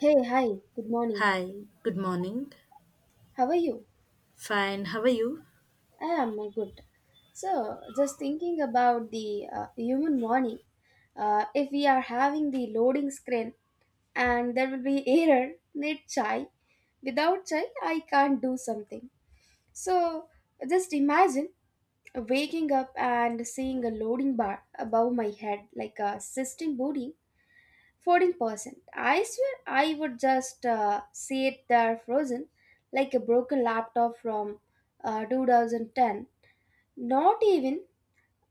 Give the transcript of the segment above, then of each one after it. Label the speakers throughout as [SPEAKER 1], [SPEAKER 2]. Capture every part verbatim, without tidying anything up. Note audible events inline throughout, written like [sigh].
[SPEAKER 1] Hey, hi, good morning.
[SPEAKER 2] Hi, good morning.
[SPEAKER 1] How are you?
[SPEAKER 2] Fine, how are you?
[SPEAKER 1] I am uh, good. So, just thinking about the uh, human morning, uh, if we are having the loading screen and there will be [laughs] error, need chai. Without chai, I can't do something. So, just imagine waking up and seeing a loading bar above my head like a system booting fourteen percent. I swear I would just uh, see it there frozen like a broken laptop from uh, two thousand ten. Not even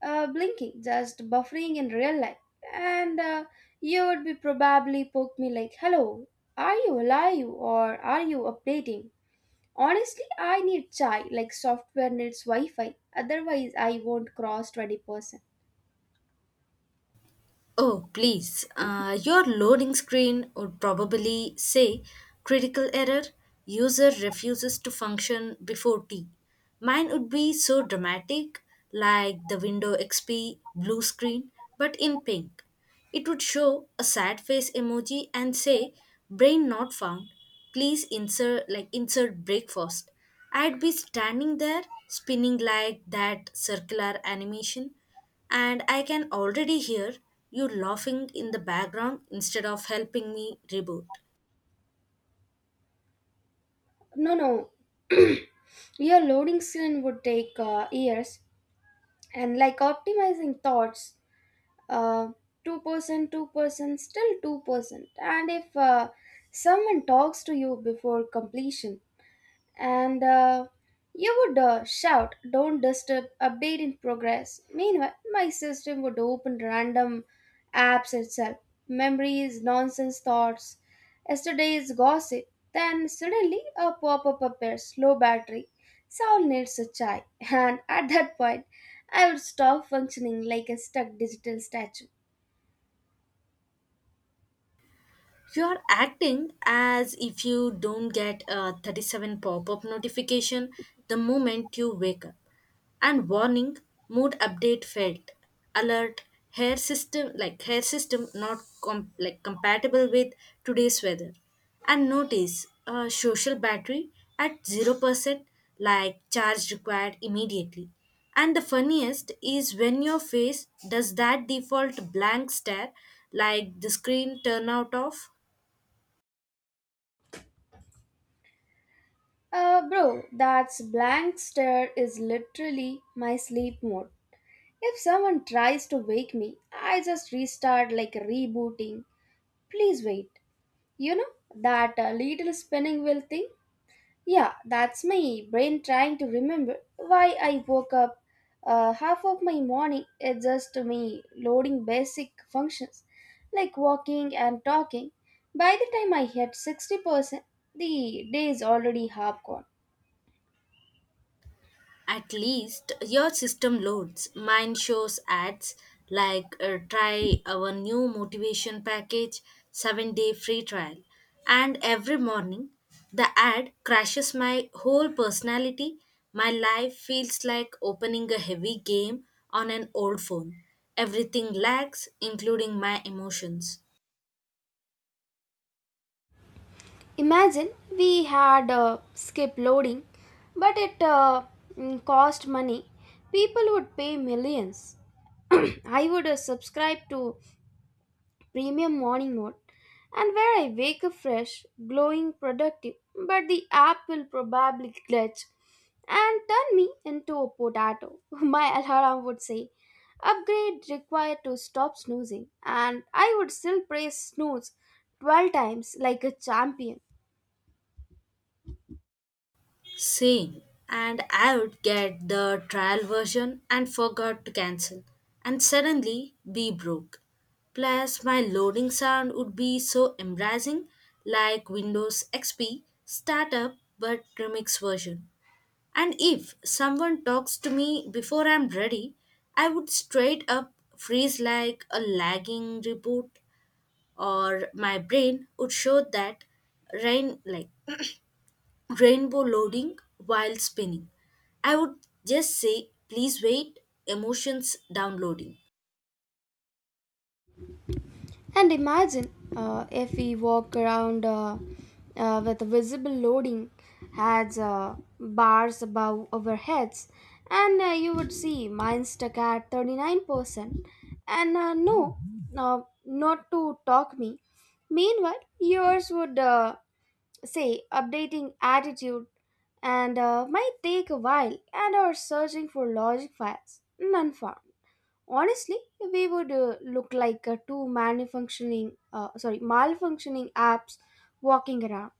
[SPEAKER 1] uh, blinking, just buffering in real life. And uh, you would be probably poke me like, hello, are you alive or are you updating? Honestly, I need chai like software needs Wi Fi, otherwise, I won't cross twenty percent.
[SPEAKER 2] Oh, please. Uh, your loading screen would probably say critical error, user refuses to function before T. Mine would be so dramatic, like the window X P blue screen, but in pink. It would show a sad face emoji and say, brain not found. Please insert like insert breakfast. I'd be standing there spinning like that circular animation, and I can already hear you laughing in the background instead of helping me reboot.
[SPEAKER 1] No, no. [clears throat] Your loading screen would take uh, years. And like optimizing thoughts, uh, two percent two percent still two percent. And if uh, someone talks to you before completion, and uh, you would uh, shout, don't disturb, update in progress. Meanwhile, my system would open random apps itself, memories, nonsense thoughts, yesterday's gossip. Then suddenly a pop up appears, low battery. Soul needs a chai. [laughs] And at that point, I would stop functioning like a stuck digital statue.
[SPEAKER 2] You are acting as if you don't get a thirty-seven pop up notification the moment you wake up. And warning, mood update failed. Alert, hair system like hair system not com- like compatible with today's weather. And notice, uh, social battery at zero percent, like charge required immediately. And the funniest is when your face does that default blank stare like the screen turn out off.
[SPEAKER 1] Uh, bro, that's blank stare is literally my sleep mode. If someone tries to wake me, I just restart like rebooting. Please wait. You know, that uh, little spinning wheel thing? Yeah, that's my brain trying to remember why I woke up. Uh, half of my morning is just me loading basic functions like walking and talking. By the time I hit sixty percent, the day is already half gone.
[SPEAKER 2] At least your system loads. Mine shows ads like, uh, try our new motivation package, seven day free trial. And every morning, the ad crashes my whole personality. My life feels like opening a heavy game on an old phone. Everything lags, including my emotions.
[SPEAKER 1] Imagine we had uh, skip loading, but it uh, mm, cost money. People would pay millions. [clears throat] I would uh, subscribe to premium morning mode and where I wake up fresh, glowing, productive, but the app will probably glitch and turn me into a potato. [laughs] My alarm would say, upgrade required to stop snoozing, and I would still press snooze twelve times like a champion.
[SPEAKER 2] Same. And I would get the trial version and forgot to cancel. And suddenly be broke. Plus, my loading sound would be so embarrassing, like Windows X P startup but remix version. And if someone talks to me before I'm ready, I would straight up freeze like a lagging reboot, or my brain would show that rain like rainbow loading while spinning. I would just say, please wait, emotions downloading.
[SPEAKER 1] And imagine uh, if we walk around uh, uh, with visible loading as uh, bars above our heads, and uh, you would see mine stuck at thirty-nine percent. And uh, no, uh, not to talk me. Meanwhile, yours would uh, say updating attitude and uh, might take a while and are searching for logic files. None found. Honestly, we would uh, look like uh, two malfunctioning, uh, sorry, malfunctioning apps walking around.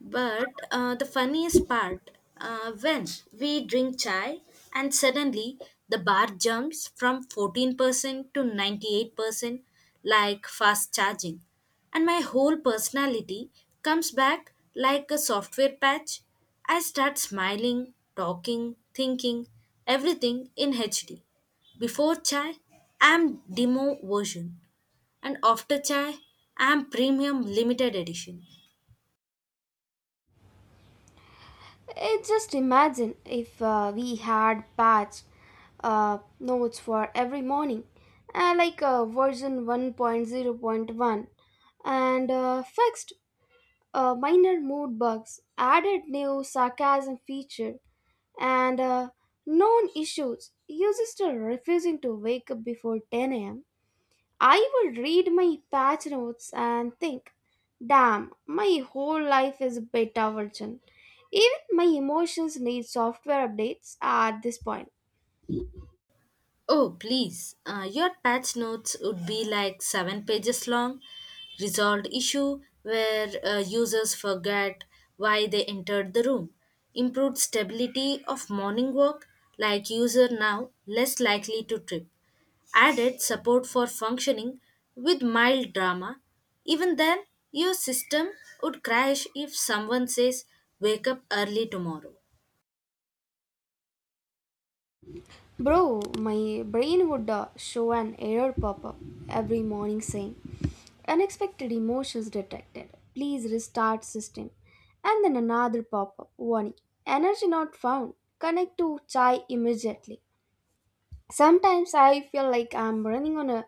[SPEAKER 2] But uh, the funniest part, uh, when we drink chai and suddenly the bar jumps from fourteen percent to ninety-eight percent, like fast charging. And my whole personality comes back like a software patch. I start smiling, talking, thinking, everything in H D. Before chai, I'm demo version, and after chai, I'm premium limited edition.
[SPEAKER 1] It just imagine if uh, we had patch uh, notes for every morning, uh, like uh, version one point zero point one, and uh, fixed uh, minor mood bugs, added new sarcasm feature, and uh, known issues. Users still refusing to wake up before ten a m. I would read my patch notes and think, damn, my whole life is a beta version. Even my emotions need software updates at this point.
[SPEAKER 2] Oh, please. Uh, your patch notes would be like seven pages long. Resolved issue where, uh, users forget why they entered the room. Improved stability of morning walk, like user now less likely to trip. Added support for functioning with mild drama. Even then, your system would crash if someone says, wake up early tomorrow.
[SPEAKER 1] Bro, my brain would uh, show an error pop up every morning saying, unexpected emotions detected. Please restart system. And then another pop up warning, energy not found. Connect to chai immediately. Sometimes I feel like I'm running on a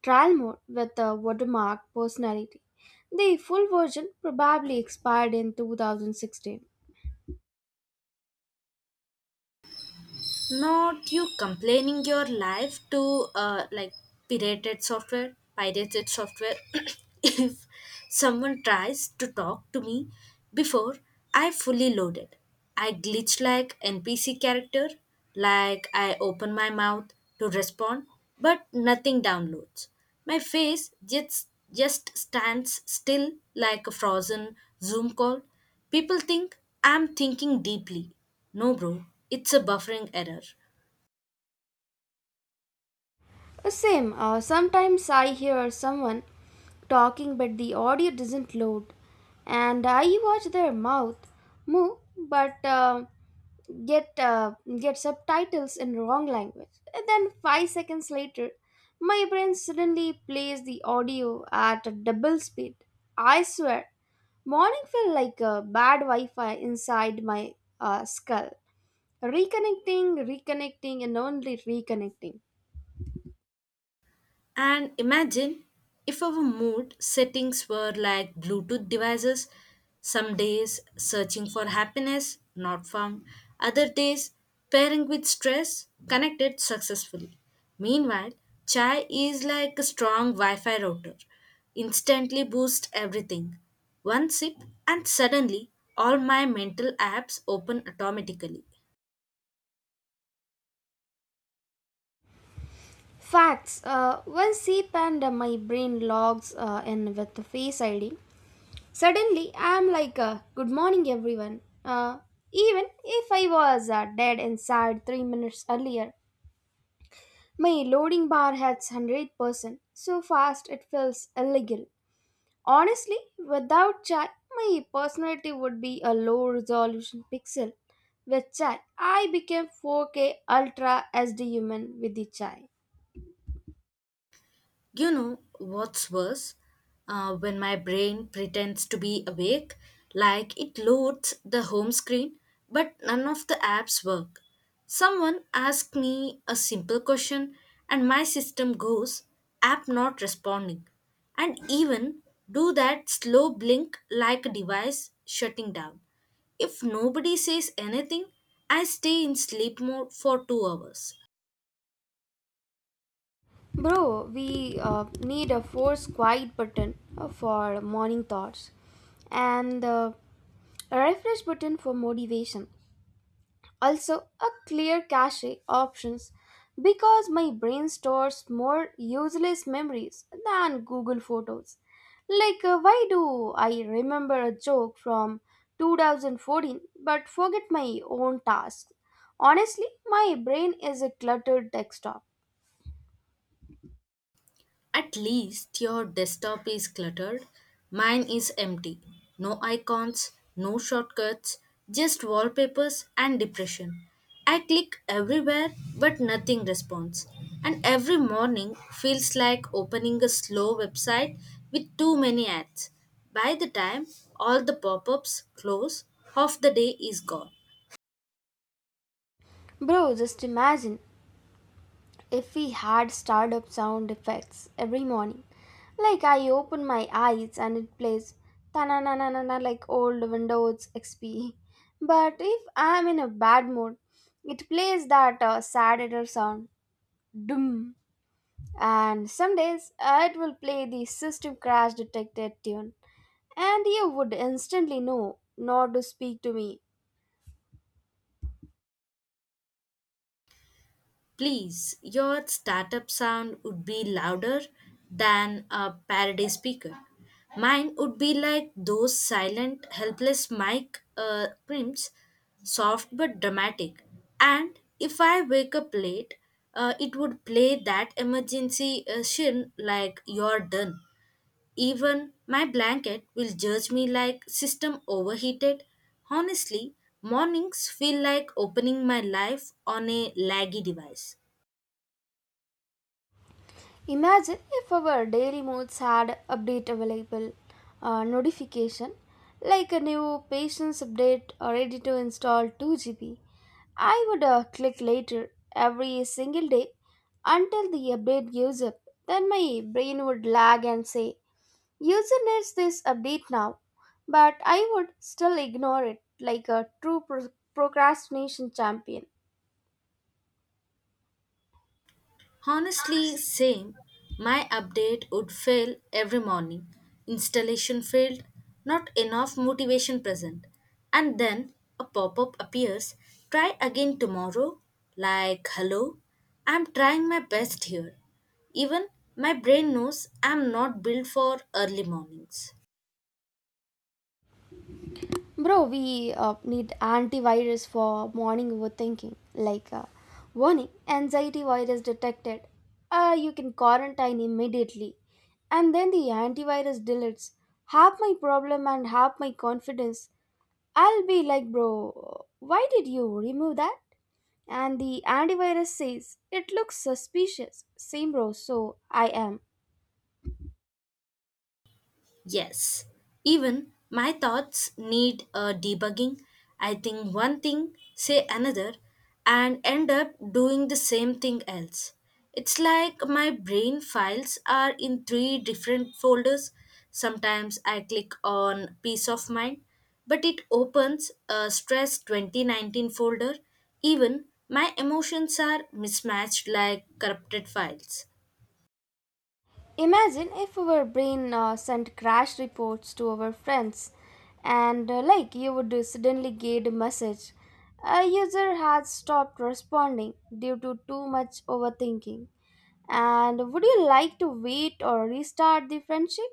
[SPEAKER 1] trial mode with a watermark personality. The full version probably expired in two thousand sixteen.
[SPEAKER 2] Not you complaining your life to, uh, like pirated software, pirated software. [coughs] If someone tries to talk to me before I fully load it, I glitch like N P C character, like I open my mouth to respond, but nothing downloads. My face just just stands still like a frozen Zoom call. People think I'm thinking deeply. No, bro, it's a buffering error.
[SPEAKER 1] Same. Uh, sometimes I hear someone talking, but the audio doesn't load, and I watch their mouth move, but uh, get uh, get subtitles in wrong language. And then five seconds later, my brain suddenly plays the audio at a double speed. I swear, morning felt like a bad Wi-Fi inside my uh, skull, reconnecting, reconnecting, and only reconnecting.
[SPEAKER 2] And imagine if our mood settings were like Bluetooth devices. Some days searching for happiness, not found. Other days pairing with stress, connected successfully. Meanwhile, chai is like a strong Wi Fi router, instantly boosts everything. One sip, and suddenly all my mental apps open automatically.
[SPEAKER 1] Facts. Uh, when C P A N, my brain logs uh, in with the Face I D. Suddenly, I'm like, uh, good morning, everyone. Uh, even if I was uh, dead inside three minutes earlier, my loading bar hits one hundred percent. So fast, it feels illegal. Honestly, without chai, my personality would be a low resolution pixel. With chai, I became four K ultra S D human with the chai.
[SPEAKER 2] You know what's worse? Uh, when my brain pretends to be awake, like it loads the home screen, but none of the apps work. Someone asks me a simple question, and my system goes, app not responding, and even do that slow blink like a device shutting down. If nobody says anything, I stay in sleep mode for two hours.
[SPEAKER 1] Bro, we uh, need a force quiet button uh, for morning thoughts and uh, a refresh button for motivation. Also, a clear cache options because my brain stores more useless memories than Google Photos. Like, uh, why do I remember a joke from two thousand fourteen but forget my own tasks? Honestly, my brain is a cluttered desktop.
[SPEAKER 2] At least your desktop is cluttered. Mine is empty. No icons, no shortcuts, just wallpapers and depression. I click everywhere but nothing responds. And every morning feels like opening a slow website with too many ads. By the time all the pop ups close, half the day is gone.
[SPEAKER 1] Bro, just imagine if we had startup sound effects every morning. Like I open my eyes and it plays ta na na na na na like old Windows X P. But if I'm in a bad mood, it plays that uh, sad error sound doom. And some days uh, it will play the system crash detected tune, and you would instantly know not to speak to me.
[SPEAKER 2] Please, your startup sound would be louder than a parody speaker. Mine would be like those silent, helpless mic, uh, primps, soft but dramatic. And if I wake up late, uh, it would play that emergency, uh, shin like you're done. Even my blanket will judge me like system overheated. Honestly, mornings feel like opening my life on a laggy device.
[SPEAKER 1] Imagine if our daily moods had update available uh, notification like a new patience update or ready to install two gigabytes. I would uh, click later every single day until the update gives up. Then my brain would lag and say, user needs this update now, but I would still ignore it like a true pro- procrastination champion.
[SPEAKER 2] Honestly, same. My update would fail every morning. Installation failed, not enough motivation present. And then a pop up appears, try again tomorrow. Like, hello, I'm trying my best here. Even my brain knows I'm not built for early mornings.
[SPEAKER 1] Bro, we uh, need antivirus for morning overthinking. Like, uh, warning, anxiety virus detected. Uh, you can quarantine immediately. And then the antivirus deletes half my problem and half my confidence. I'll be like, bro, why did you remove that? And the antivirus says, it looks suspicious. Same, bro, so I am.
[SPEAKER 2] Yes, even my thoughts need a debugging. I think one thing, say another, and end up doing the same thing else. It's like my brain files are in three different folders. Sometimes I click on peace of mind, but it opens a stress twenty nineteen folder. Even my emotions are mismatched like corrupted files.
[SPEAKER 1] Imagine if our brain uh, sent crash reports to our friends, and uh, like you would suddenly get a message. A user has stopped responding due to too much overthinking. And would you like to wait or restart the friendship?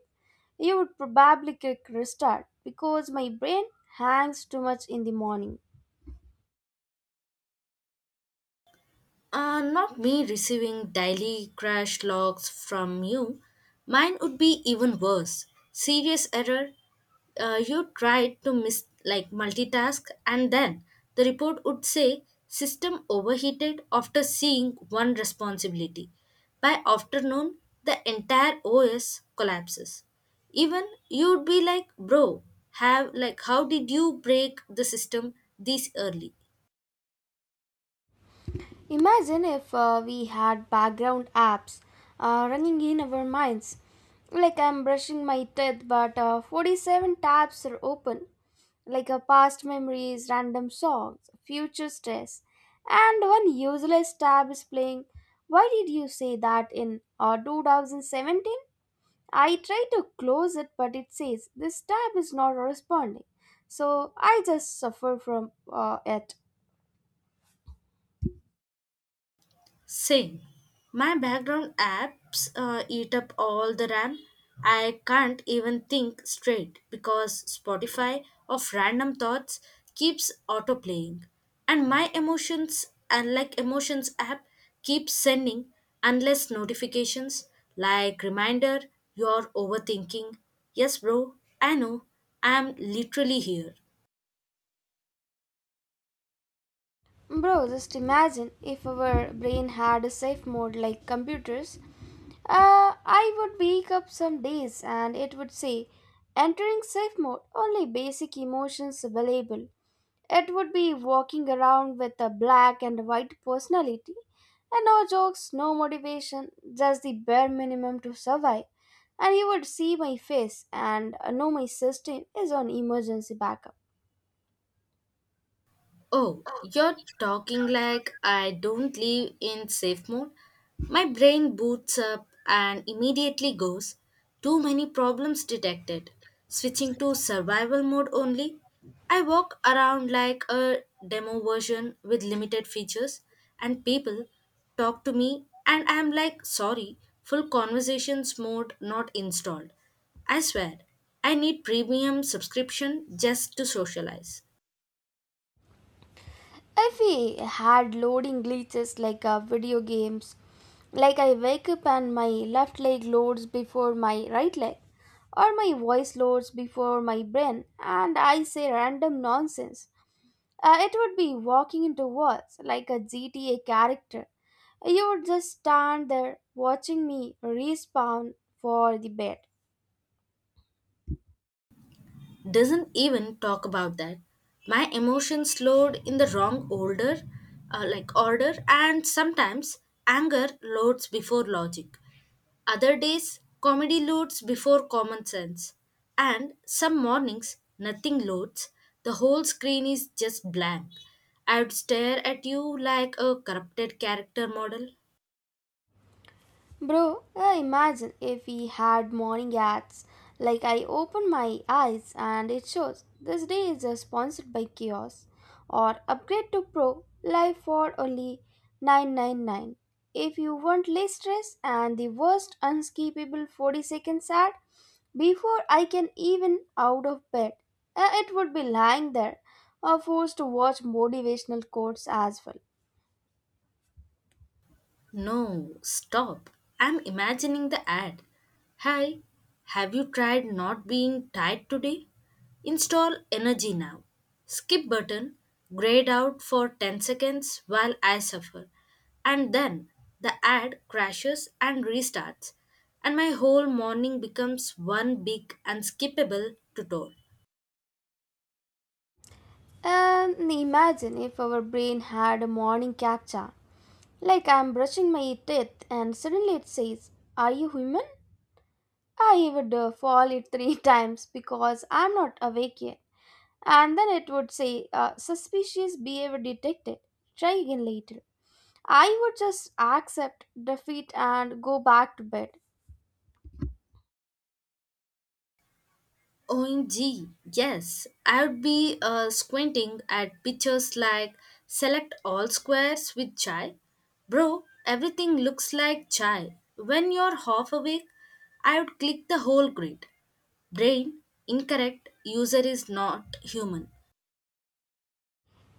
[SPEAKER 1] You would probably click restart because my brain hangs too much in the morning.
[SPEAKER 2] Uh, not me receiving daily crash logs from you. Mine would be even worse. Serious error. Uh, you tried to miss like multitask, and then the report would say system overheated after seeing one responsibility. By afternoon, the entire O S collapses. Even you'd be like, bro, have like how did you break the system this early?
[SPEAKER 1] Imagine if uh, we had background apps uh, running in our minds. Like I'm brushing my teeth, but uh, forty-seven tabs are open. Like a past memories, random songs, future stress, and one useless tab is playing. Why did you say that in uh, two thousand seventeen? I try to close it, but it says this tab is not responding. So I just suffer from uh, it.
[SPEAKER 2] Same. My background apps uh, eat up all the RAM. I can't even think straight because Spotify of random thoughts keeps autoplaying. And my emotions, unlike emotions app, keeps sending unless notifications like reminder, you're overthinking. Yes, bro, I know. I'm literally here.
[SPEAKER 1] Bro, just imagine if our brain had a safe mode like computers. Uh, I would wake up some days and it would say, entering safe mode, only basic emotions available. It would be walking around with a black and white personality and no jokes, no motivation, just the bare minimum to survive. And you would see my face and know my system is on emergency backup.
[SPEAKER 2] Oh, you're talking like I don't live in safe mode. My brain boots up and immediately goes, too many problems detected, switching to survival mode only. I walk around like a demo version with limited features, and people talk to me, and I'm like, sorry, full conversations mode not installed. I swear, I need premium subscription just to socialize.
[SPEAKER 1] If we had loading glitches like uh, video games, like I wake up and my left leg loads before my right leg, or my voice loads before my brain, and I say random nonsense, uh, it would be walking into walls like a G T A character. You would just stand there watching me respawn for the bed.
[SPEAKER 2] Doesn't even talk about that. My emotions load in the wrong order, uh, like order, and sometimes anger loads before logic. Other days, comedy loads before common sense. And some mornings, nothing loads. The whole screen is just blank. I would stare at you like a corrupted character model.
[SPEAKER 1] Bro, uh, imagine if we had morning ads. Like I open my eyes and it shows this day is uh, sponsored by Kiosk or upgrade to Pro live for only nine ninety-nine. If you want less stress and the worst unskippable forty seconds ad before I can even out of bed, uh, it would be lying there or forced to watch motivational quotes as well.
[SPEAKER 2] No, stop. I'm imagining the ad. Hi, have you tried not being tired today? Install Energy Now. Skip button, grayed out for ten seconds while I suffer. And then the ad crashes and restarts, and my whole morning becomes one big unskippable tutorial.
[SPEAKER 1] And imagine if our brain had a morning captcha. Like I'm brushing my teeth and suddenly it says, are you human? I would uh, fall it three [laughs] times because I'm not awake yet. And then it would say, uh, suspicious behavior detected. Try again later. I would just accept defeat and go back to bed.
[SPEAKER 2] O M G, yes. I would be, uh, squinting at pictures like select all squares with chai. Bro, everything looks like chai. When you're half awake, I would click the whole grid. Brain, incorrect, user is not human.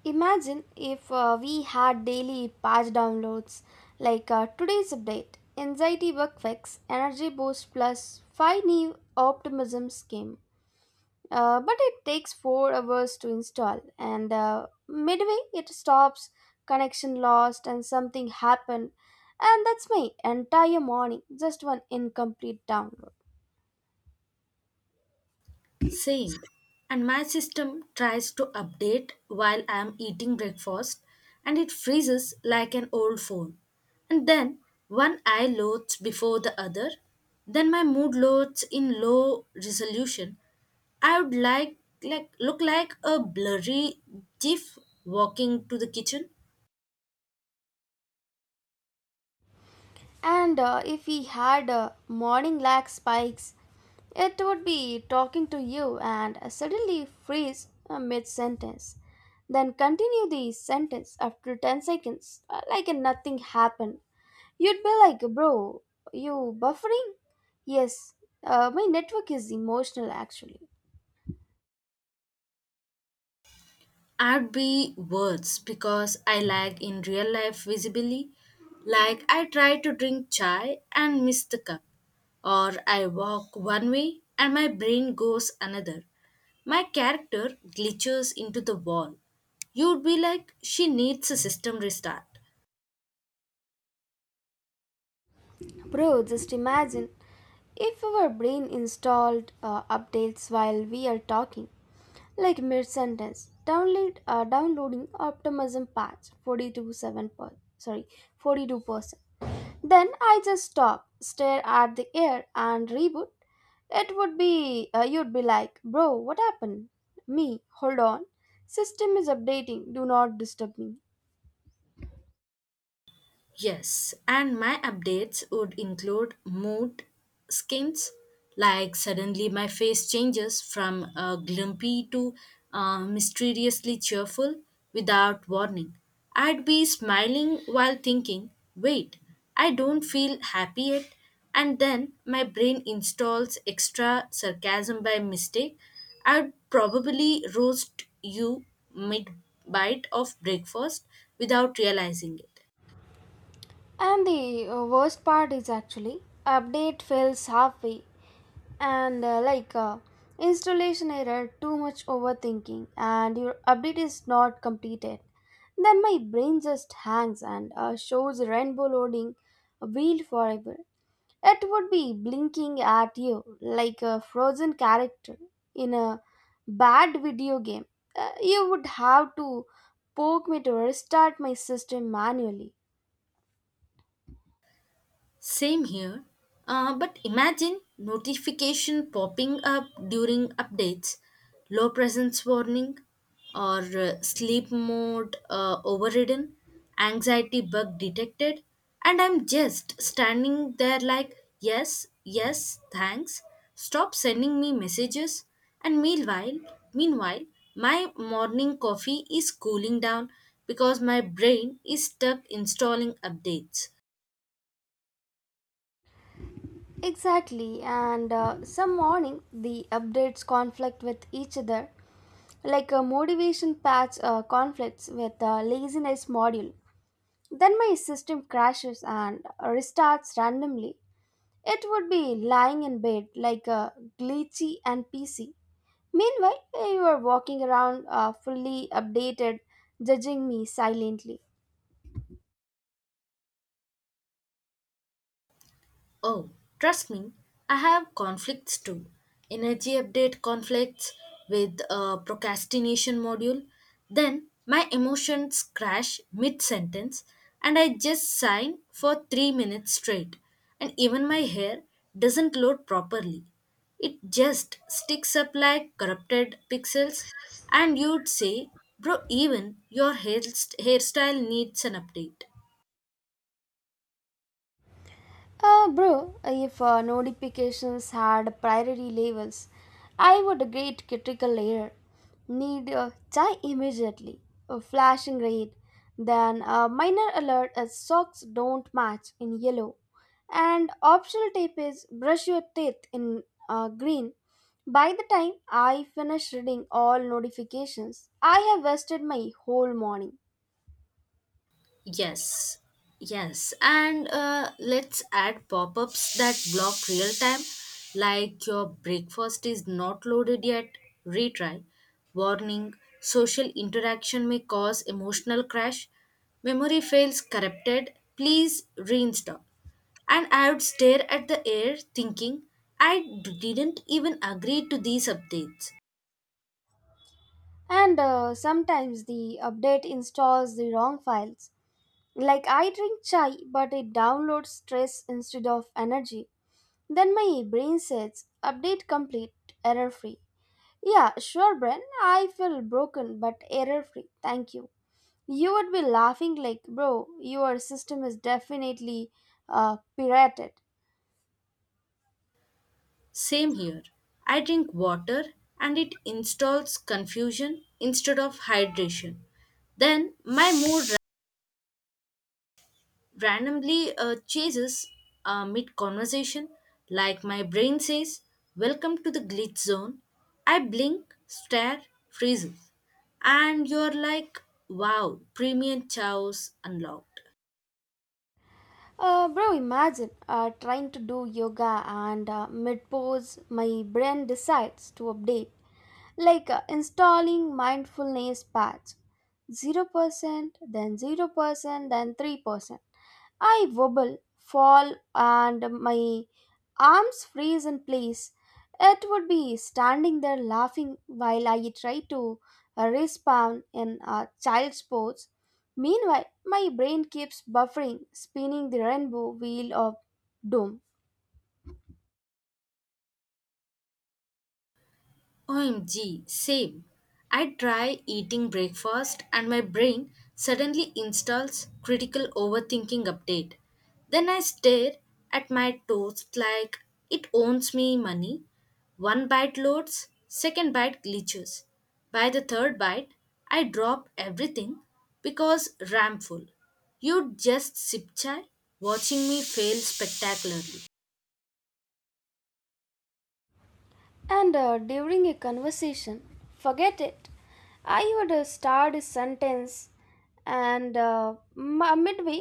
[SPEAKER 1] Imagine if uh, we had daily patch downloads like uh, today's update, anxiety bug fix, energy boost plus five new optimism scheme. Uh, but it takes four hours to install, and uh, midway it stops, connection lost and something happened, and that's my entire morning, just one incomplete download.
[SPEAKER 2] Same. And my system tries to update while I am eating breakfast, and it freezes like an old phone. And then one eye loads before the other. Then my mood loads in low resolution. I would like like look like a blurry gif walking to the kitchen.
[SPEAKER 1] And uh, if we had uh, morning lag spikes, it would be talking to you and suddenly freeze mid sentence, then continue the sentence after ten seconds, uh, like nothing happened. You'd be like, bro, you buffering? Yes, uh, my network is emotional actually.
[SPEAKER 2] I'd be words because I lack in real life visibly. Like I try to drink chai and miss the cup, or I walk one way and my brain goes another. My character glitches into the wall. You'd be like, she needs a system restart.
[SPEAKER 1] Bro, just imagine if our brain installed uh, updates while we are talking, like mid sentence, download, uh, downloading optimism patch forty two seven per, sorry forty-two percent. Then I just stop, stare at the air, and reboot. It would be, uh, you'd be like, bro, what happened? Me, hold on. System is updating, do not disturb me.
[SPEAKER 2] Yes, and my updates would include mood skins, like suddenly my face changes from uh, glumpy to, uh, mysteriously cheerful without warning. I'd be smiling while thinking, wait, I don't feel happy yet. And then my brain installs extra sarcasm by mistake. I'd probably roast you mid bite of breakfast without realizing it.
[SPEAKER 1] And the uh, worst part is actually update fails halfway, and uh, like uh, installation error, too much overthinking, and your update is not completed. Then my brain just hangs and uh, shows rainbow loading wheel forever. It would be blinking at you like a frozen character in a bad video game. Uh, you would have to poke me to restart my system manually.
[SPEAKER 2] Same here. Uh, but imagine notification popping up during updates, low presence warning, or uh, sleep mode, uh, overridden, anxiety bug detected, and I'm just standing there like, yes, yes, thanks. Stop sending me messages. And meanwhile, meanwhile, my morning coffee is cooling down because my brain is stuck installing updates.
[SPEAKER 1] Exactly, and uh, some morning the updates conflict with each other, like a motivation patch uh, conflicts with a laziness module. Then my system crashes and restarts randomly. It would be lying in bed like a glitchy and P C. Meanwhile, you are walking around uh, fully updated, judging me silently.
[SPEAKER 2] Oh, trust me, I have conflicts too. Energy update conflicts with a procrastination module. Then my emotions crash mid sentence and I just sign for three minutes straight. And even my hair doesn't load properly. It just sticks up like corrupted pixels. And you'd say, bro, even your hair- hairstyle needs an update.
[SPEAKER 1] Uh, bro, if uh, notifications had priority levels, I would get critical layer. Need uh, chai immediately, a flashing red, then a minor alert as socks don't match in yellow, and optional tip is brush your teeth in uh, green. By the time I finish reading all notifications, I have wasted my whole morning.
[SPEAKER 2] Yes, yes, and uh, let's add pop ups that block real time, like your breakfast is not loaded yet, retry, warning, social interaction may cause emotional crash, memory fails corrupted, please reinstall. And I would stare at the air thinking, I d- didn't even agree to these updates.
[SPEAKER 1] And uh, sometimes the update installs the wrong files. Like I drink chai, but it downloads stress instead of energy. Then my brain says, update complete, error free. Yeah, sure, Bren. I feel broken, but error free. Thank you. You would be laughing like, bro, your system is definitely uh, pirated.
[SPEAKER 2] Same here. I drink water and it installs confusion instead of hydration. Then my mood ra- randomly uh, chases uh, mid conversation, like my brain says, welcome to the glitch zone. I blink, stare, freezes. And you're like, wow, premium chows unlocked.
[SPEAKER 1] Uh, bro, imagine uh, trying to do yoga and uh, mid pose, my brain decides to update. Like, uh, installing mindfulness patch zero percent then zero percent then three percent. I wobble, fall, and my arms freeze in place. It would be standing there laughing while I try to uh, respawn in a child's pose. Meanwhile, my brain keeps buffering, spinning the rainbow wheel of doom.
[SPEAKER 2] O M G, same. I try eating breakfast and my brain suddenly installs critical overthinking update. Then I stare at my toast like it owns me money. One bite loads, second bite glitches. By the third bite, I drop everything because ramful. You just sip chai, watching me fail spectacularly.
[SPEAKER 1] And uh, during a conversation, forget it. I would uh, start a sentence, and uh, m- uh, midway,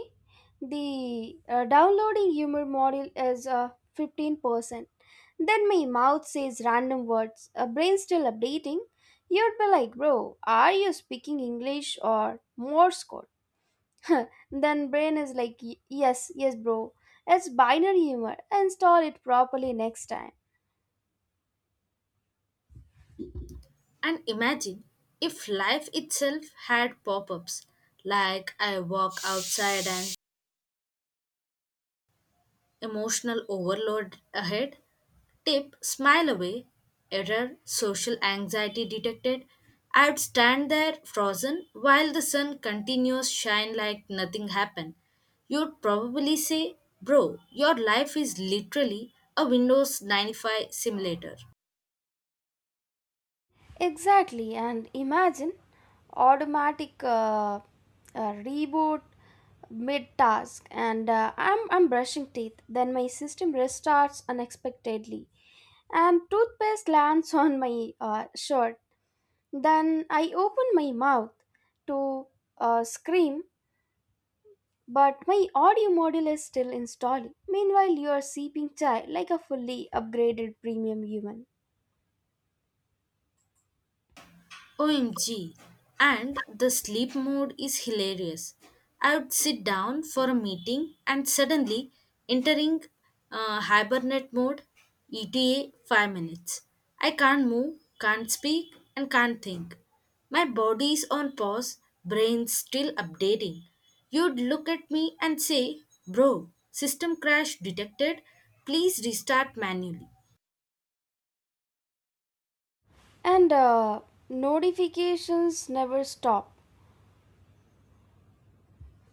[SPEAKER 1] the uh, downloading humor model is uh, fifteen percent. Then my mouth says random words, a brain still updating. You'd be like, bro, are you speaking English or Morse code? [laughs] Then brain is like, "Y- yes, yes, bro. It's binary humor. Install it properly next time."
[SPEAKER 2] And imagine if life itself had pop ups, like I walk outside and emotional overload ahead, tip smile away, error social anxiety detected. I'd stand there frozen while the sun continues shine like nothing happened. You'd probably say, bro, your life is literally a Windows ninety-five simulator.
[SPEAKER 1] Exactly, and imagine automatic uh, uh, reboot mid task, and uh, I'm I'm brushing teeth. Then my system restarts unexpectedly, and toothpaste lands [laughs] on my uh, shirt. Then I open my mouth to uh, scream, but my audio module is still installing. Meanwhile, you are seeping chai like a fully upgraded premium human,
[SPEAKER 2] O M G! And the sleep mode is hilarious. I would sit down for a meeting and suddenly entering, uh, hibernate mode, E T A five minutes. I can't move, can't speak, and can't think. My body is on pause, brain still updating. You'd look at me and say, bro, system crash detected, please restart manually.
[SPEAKER 1] and uh, notifications never stop.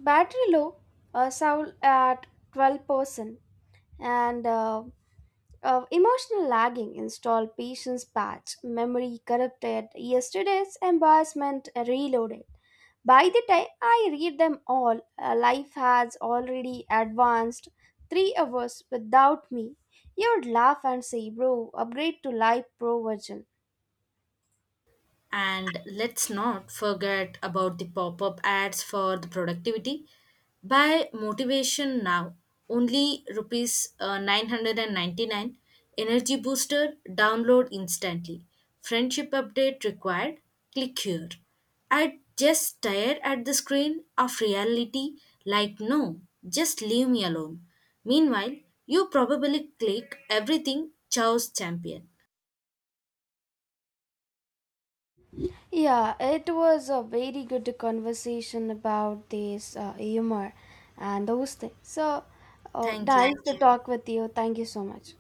[SPEAKER 1] Battery low, uh, sold at twelve percent, and uh, uh, emotional lagging. Install patience patch, memory corrupted, yesterday's embarrassment reloaded. By the time I read them all, uh, life has already advanced three hours without me. You would laugh and say, bro, upgrade to Live Pro version.
[SPEAKER 2] And let's not forget about the pop up ads for the productivity. Buy motivation now. Only rupees, uh, nine hundred ninety-nine. Energy booster download instantly. Friendship update required. Click here. I just stare at the screen of reality like, no, just leave me alone. Meanwhile, you probably click everything Chow's champion.
[SPEAKER 1] Yeah, it was a very good conversation about this uh, humor and those things. So, uh,
[SPEAKER 2] Thank
[SPEAKER 1] nice
[SPEAKER 2] you.
[SPEAKER 1] thank to you, talk with you. Thank you so much.